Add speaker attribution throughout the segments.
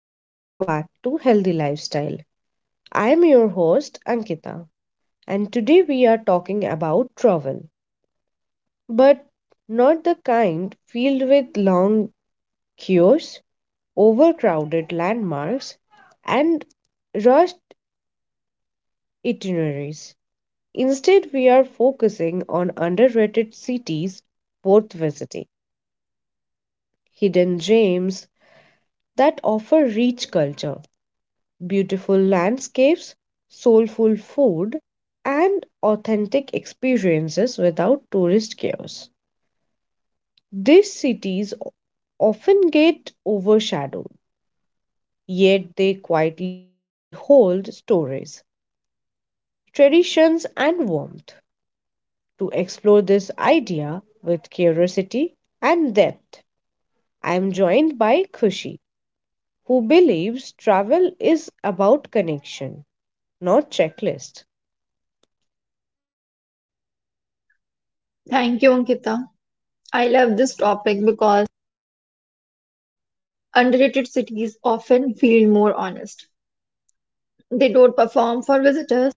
Speaker 1: and welcome back to Healthy Lifestyle. I am your host, Ankita, and today we are talking about travel, but not the kind filled with long queues, overcrowded landmarks, and rushed itineraries. Instead, we are focusing on underrated cities worth visiting, hidden gems that offer rich culture, beautiful landscapes, soulful food, and authentic experiences without tourist chaos. These cities often get overshadowed, yet they quietly hold stories, traditions, and warmth. To explore this idea with curiosity and depth, I am joined by Khushi, who believes travel is about connection, not checklist.
Speaker 2: Thank you, Ankita. I love this topic because underrated cities often feel more honest. They don't perform for visitors.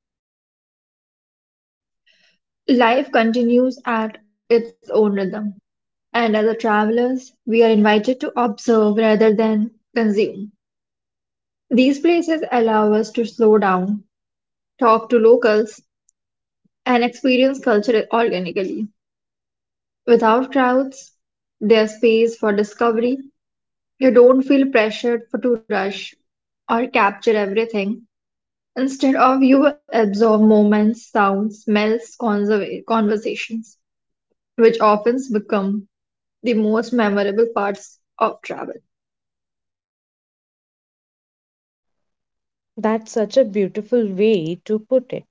Speaker 2: Life continues at its own rhythm. And as a travelers, we are invited to observe rather than consume. These places allow us to slow down, talk to locals, and experience culture organically. Without crowds, there's space for discovery. You don't feel pressured for to rush or capture everything. Instead of you absorb moments, sounds, smells, conversations, which often become the most memorable parts of travel.
Speaker 1: That's such a beautiful way to put it.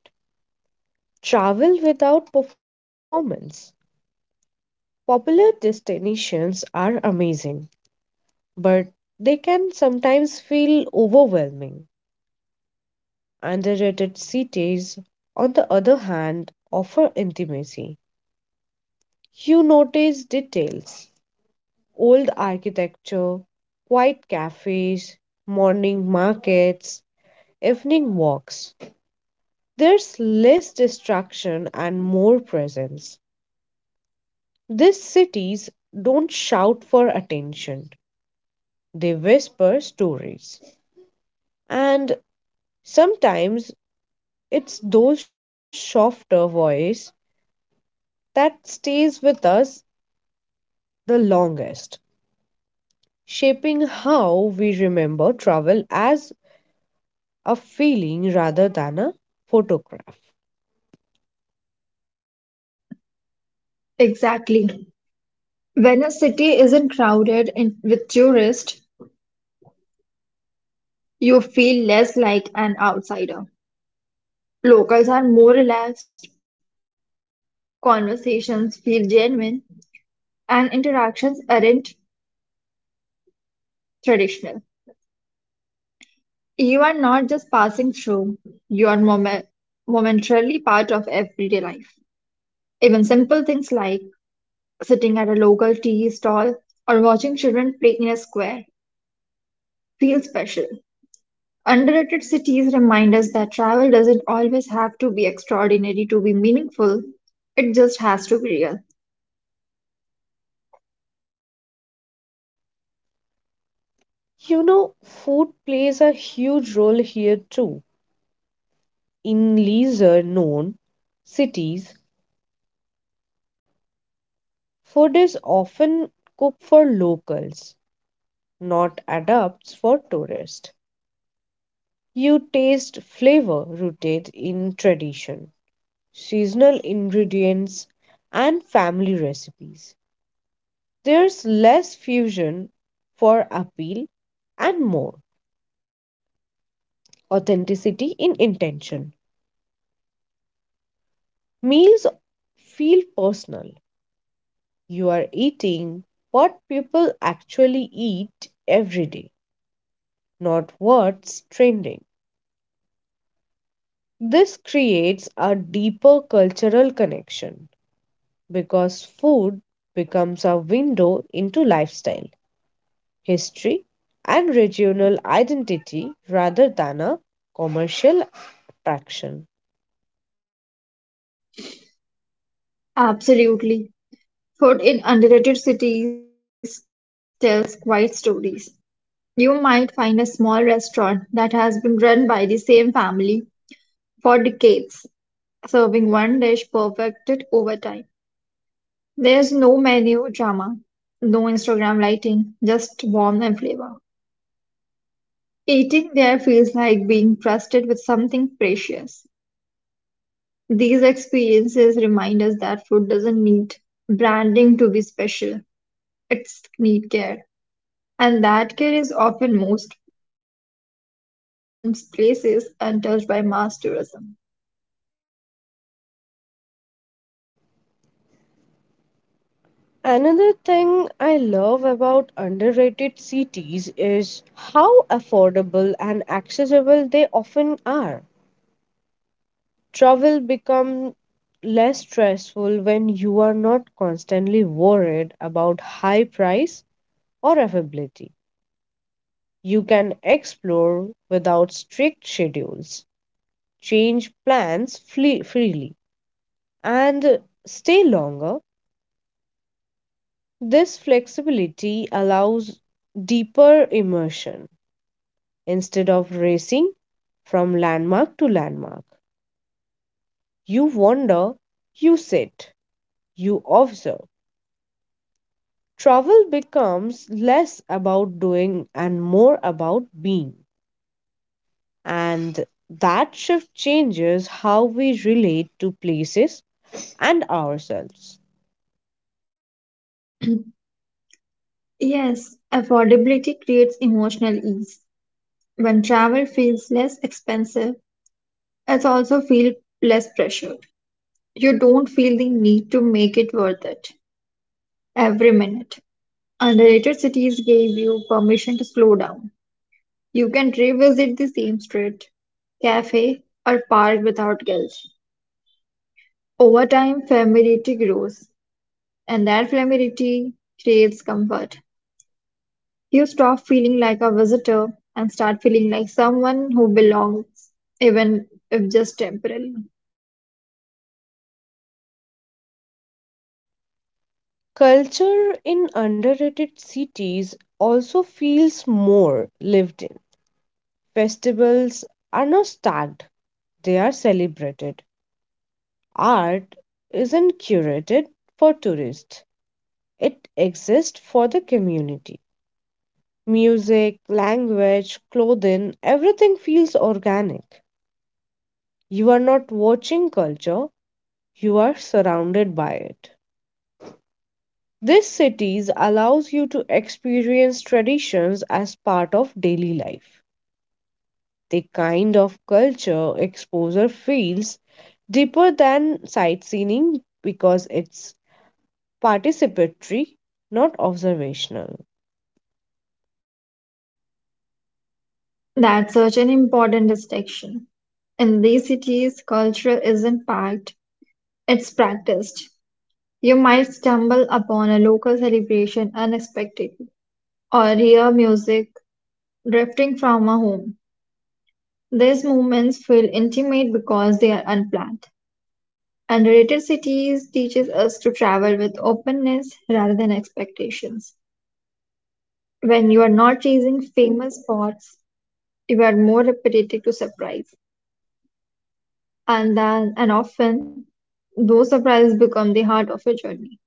Speaker 1: Travel without performance. Popular destinations are amazing, but they can sometimes feel overwhelming. Underrated cities, on the other hand, offer intimacy. You notice details, old architecture, quiet cafes, morning markets, evening walks. There's less distraction and more presence. These cities don't shout for attention, they whisper stories. And sometimes it's those softer voice that stays with us the longest, shaping how we remember travel as a feeling rather than a photograph.
Speaker 2: Exactly. When a city isn't crowded in, with tourists, you feel less like an outsider. Locals are more relaxed, conversations feel genuine, and interactions aren't traditional. You are not just passing through, you are momentarily part of everyday life. Even simple things like sitting at a local tea stall or watching children play in a square feel special. Underrated cities remind us that travel doesn't always have to be extraordinary to be meaningful, it just has to be real.
Speaker 1: You know, food plays a huge role here too. In lesser known cities, food is often cooked for locals, not adapts for tourists. You taste flavor rooted in tradition, seasonal ingredients, and family recipes. There's less fusion for appeal and more authenticity in intention. Meals feel personal. You are eating what people actually eat every day, not what's trending. This creates a deeper cultural connection, because food becomes a window into lifestyle, history, and regional identity rather than a commercial attraction.
Speaker 2: Absolutely. Food in underrated cities tells quite stories. You might find a small restaurant that has been run by the same family for decades, serving one dish perfected over time. There's no menu drama, no Instagram lighting, just warmth and flavor. Eating there feels like being trusted with something precious. These experiences remind us that food doesn't need branding to be special. It's need care. And that care is often most present in places untouched by mass tourism.
Speaker 1: Another thing I love about underrated cities is how affordable and accessible they often are. Travel becomes less stressful when you are not constantly worried about high price or availability. You can explore without strict schedules, change plans freely, and stay longer. This flexibility allows deeper immersion. Instead of racing from landmark to landmark, you wander, you sit, you observe. Travel becomes less about doing and more about being. And that shift changes how we relate to places and ourselves.
Speaker 2: Yes, affordability creates emotional ease. When travel feels less expensive, it also feels less pressure. You don't feel the need to make it worth it every minute. Underrated cities gave you permission to slow down. You can revisit the same street, cafe, or park without guilt. Over time, familiarity grows, and that familiarity creates comfort. You stop feeling like a visitor and start feeling like someone who belongs, even if just temporarily.
Speaker 1: Culture in underrated cities also feels more lived in. Festivals are not stacked, they are celebrated. Art isn't curated for tourists, it exists for the community. Music, language, clothing, everything feels organic. You are not watching culture, you are surrounded by it. These cities allows you to experience traditions as part of daily life. The kind of culture exposure feels deeper than sightseeing because it's participatory, not observational.
Speaker 2: That's such an important distinction. In these cities, culture isn't packed, it's practiced. You might stumble upon a local celebration unexpectedly, or hear music drifting from a home. These moments feel intimate because they are unplanned. And related cities teaches us to travel with openness rather than expectations. When you are not chasing famous spots, you are more receptive to surprise, and often those surprises become the heart of your journey.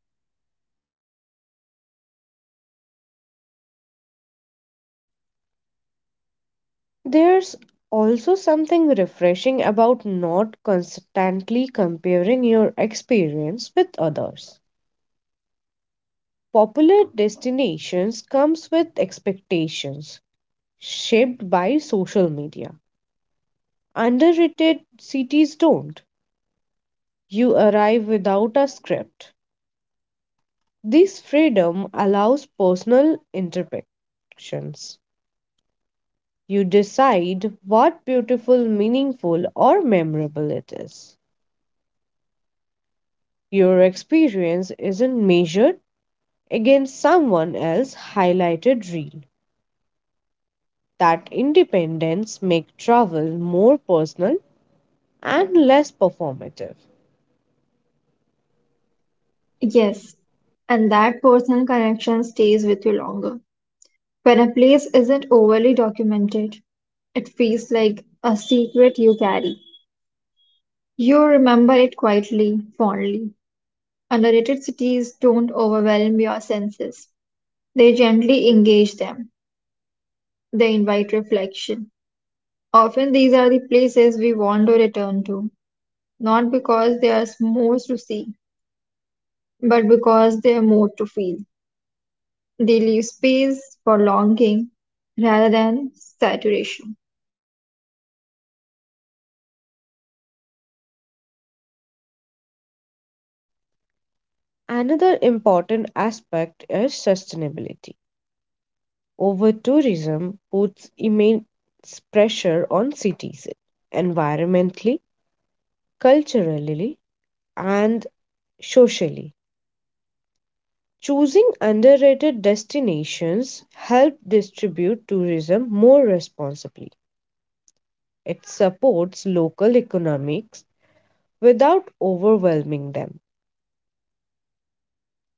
Speaker 1: There's also something refreshing about not constantly comparing your experience with others. Popular destinations comes with expectations shaped by social media. Underrated cities don't. You arrive without a script. This freedom allows personal interpretations. You decide what beautiful, meaningful, or memorable it is. Your experience isn't measured against someone else's highlighted reel. That independence makes travel more personal and less performative.
Speaker 2: Yes, and that personal connection stays with you longer. When a place isn't overly documented, it feels like a secret you carry. You remember it quietly, fondly. Underrated cities don't overwhelm your senses, they gently engage them. They invite reflection. Often, these are the places we want to return to, not because there is more to see, but because there are more to feel. They leave space for longing rather than saturation.
Speaker 1: Another important aspect is sustainability. Over tourism puts immense pressure on cities environmentally, culturally, and socially. Choosing underrated destinations help distribute tourism more responsibly. It supports local economics without overwhelming them.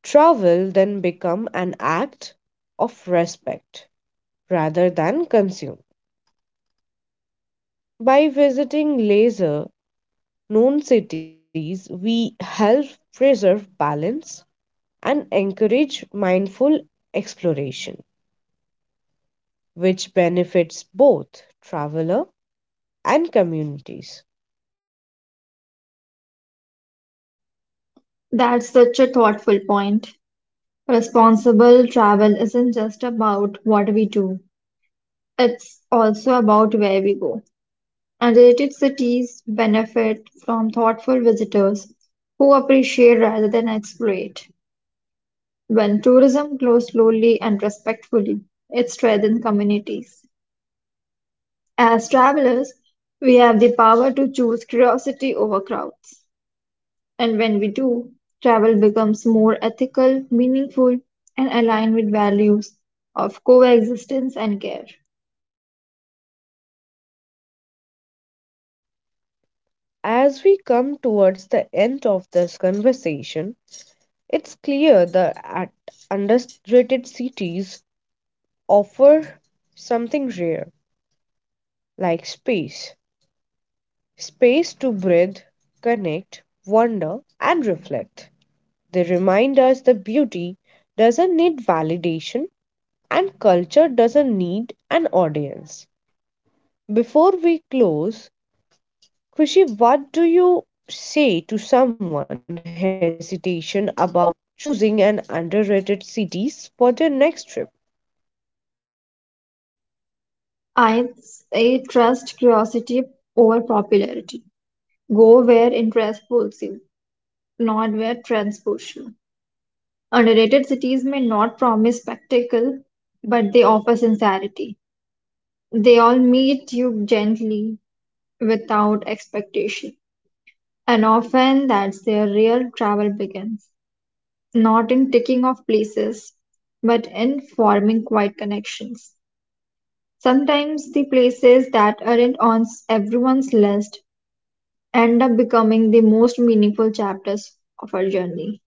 Speaker 1: Travel then become an act of respect rather than consume. By visiting leisure known cities, we help preserve balance and encourage mindful exploration, which benefits both traveler and communities.
Speaker 2: That's such a thoughtful point. Responsible travel isn't just about what we do, it's also about where we go. And related cities benefit from thoughtful visitors who appreciate rather than exploit. When tourism grows slowly and respectfully, it strengthens communities. As travelers, we have the power to choose curiosity over crowds. And when we do, travel becomes more ethical, meaningful, and aligned with values of coexistence and care.
Speaker 1: As we come towards the end of this conversation, it's clear that at underrated cities offer something rare, like space to breathe, connect, wonder, and reflect. They remind us that beauty doesn't need validation and culture doesn't need an audience. Before we close, Kushi, what do you say to someone hesitation about choosing an underrated cities for their next trip?
Speaker 2: I say trust curiosity over popularity. Go where interest pulls you, not where trends push you. Underrated cities may not promise spectacle, but they offer sincerity. They all meet you gently without expectation, and often that's where real travel begins. Not in ticking off places, but in forming quiet connections. Sometimes the places that aren't on everyone's list end up becoming the most meaningful chapters of our journey.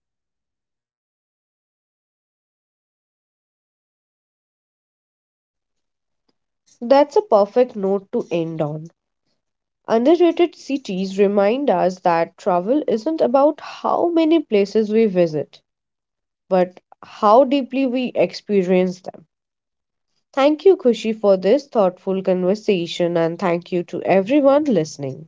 Speaker 1: That's a perfect note to end on. Underrated cities remind us that travel isn't about how many places we visit, but how deeply we experience them. Thank you, Kushi, for this thoughtful conversation, and thank you to everyone listening.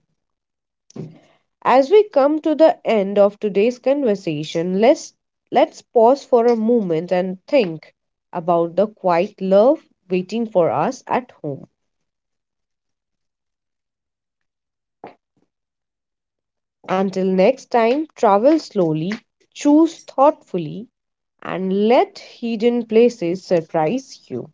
Speaker 1: As we come to the end of today's conversation, let's pause for a moment and think about the quiet love waiting for us at home. Until next time, travel slowly, choose thoughtfully, and let hidden places surprise you.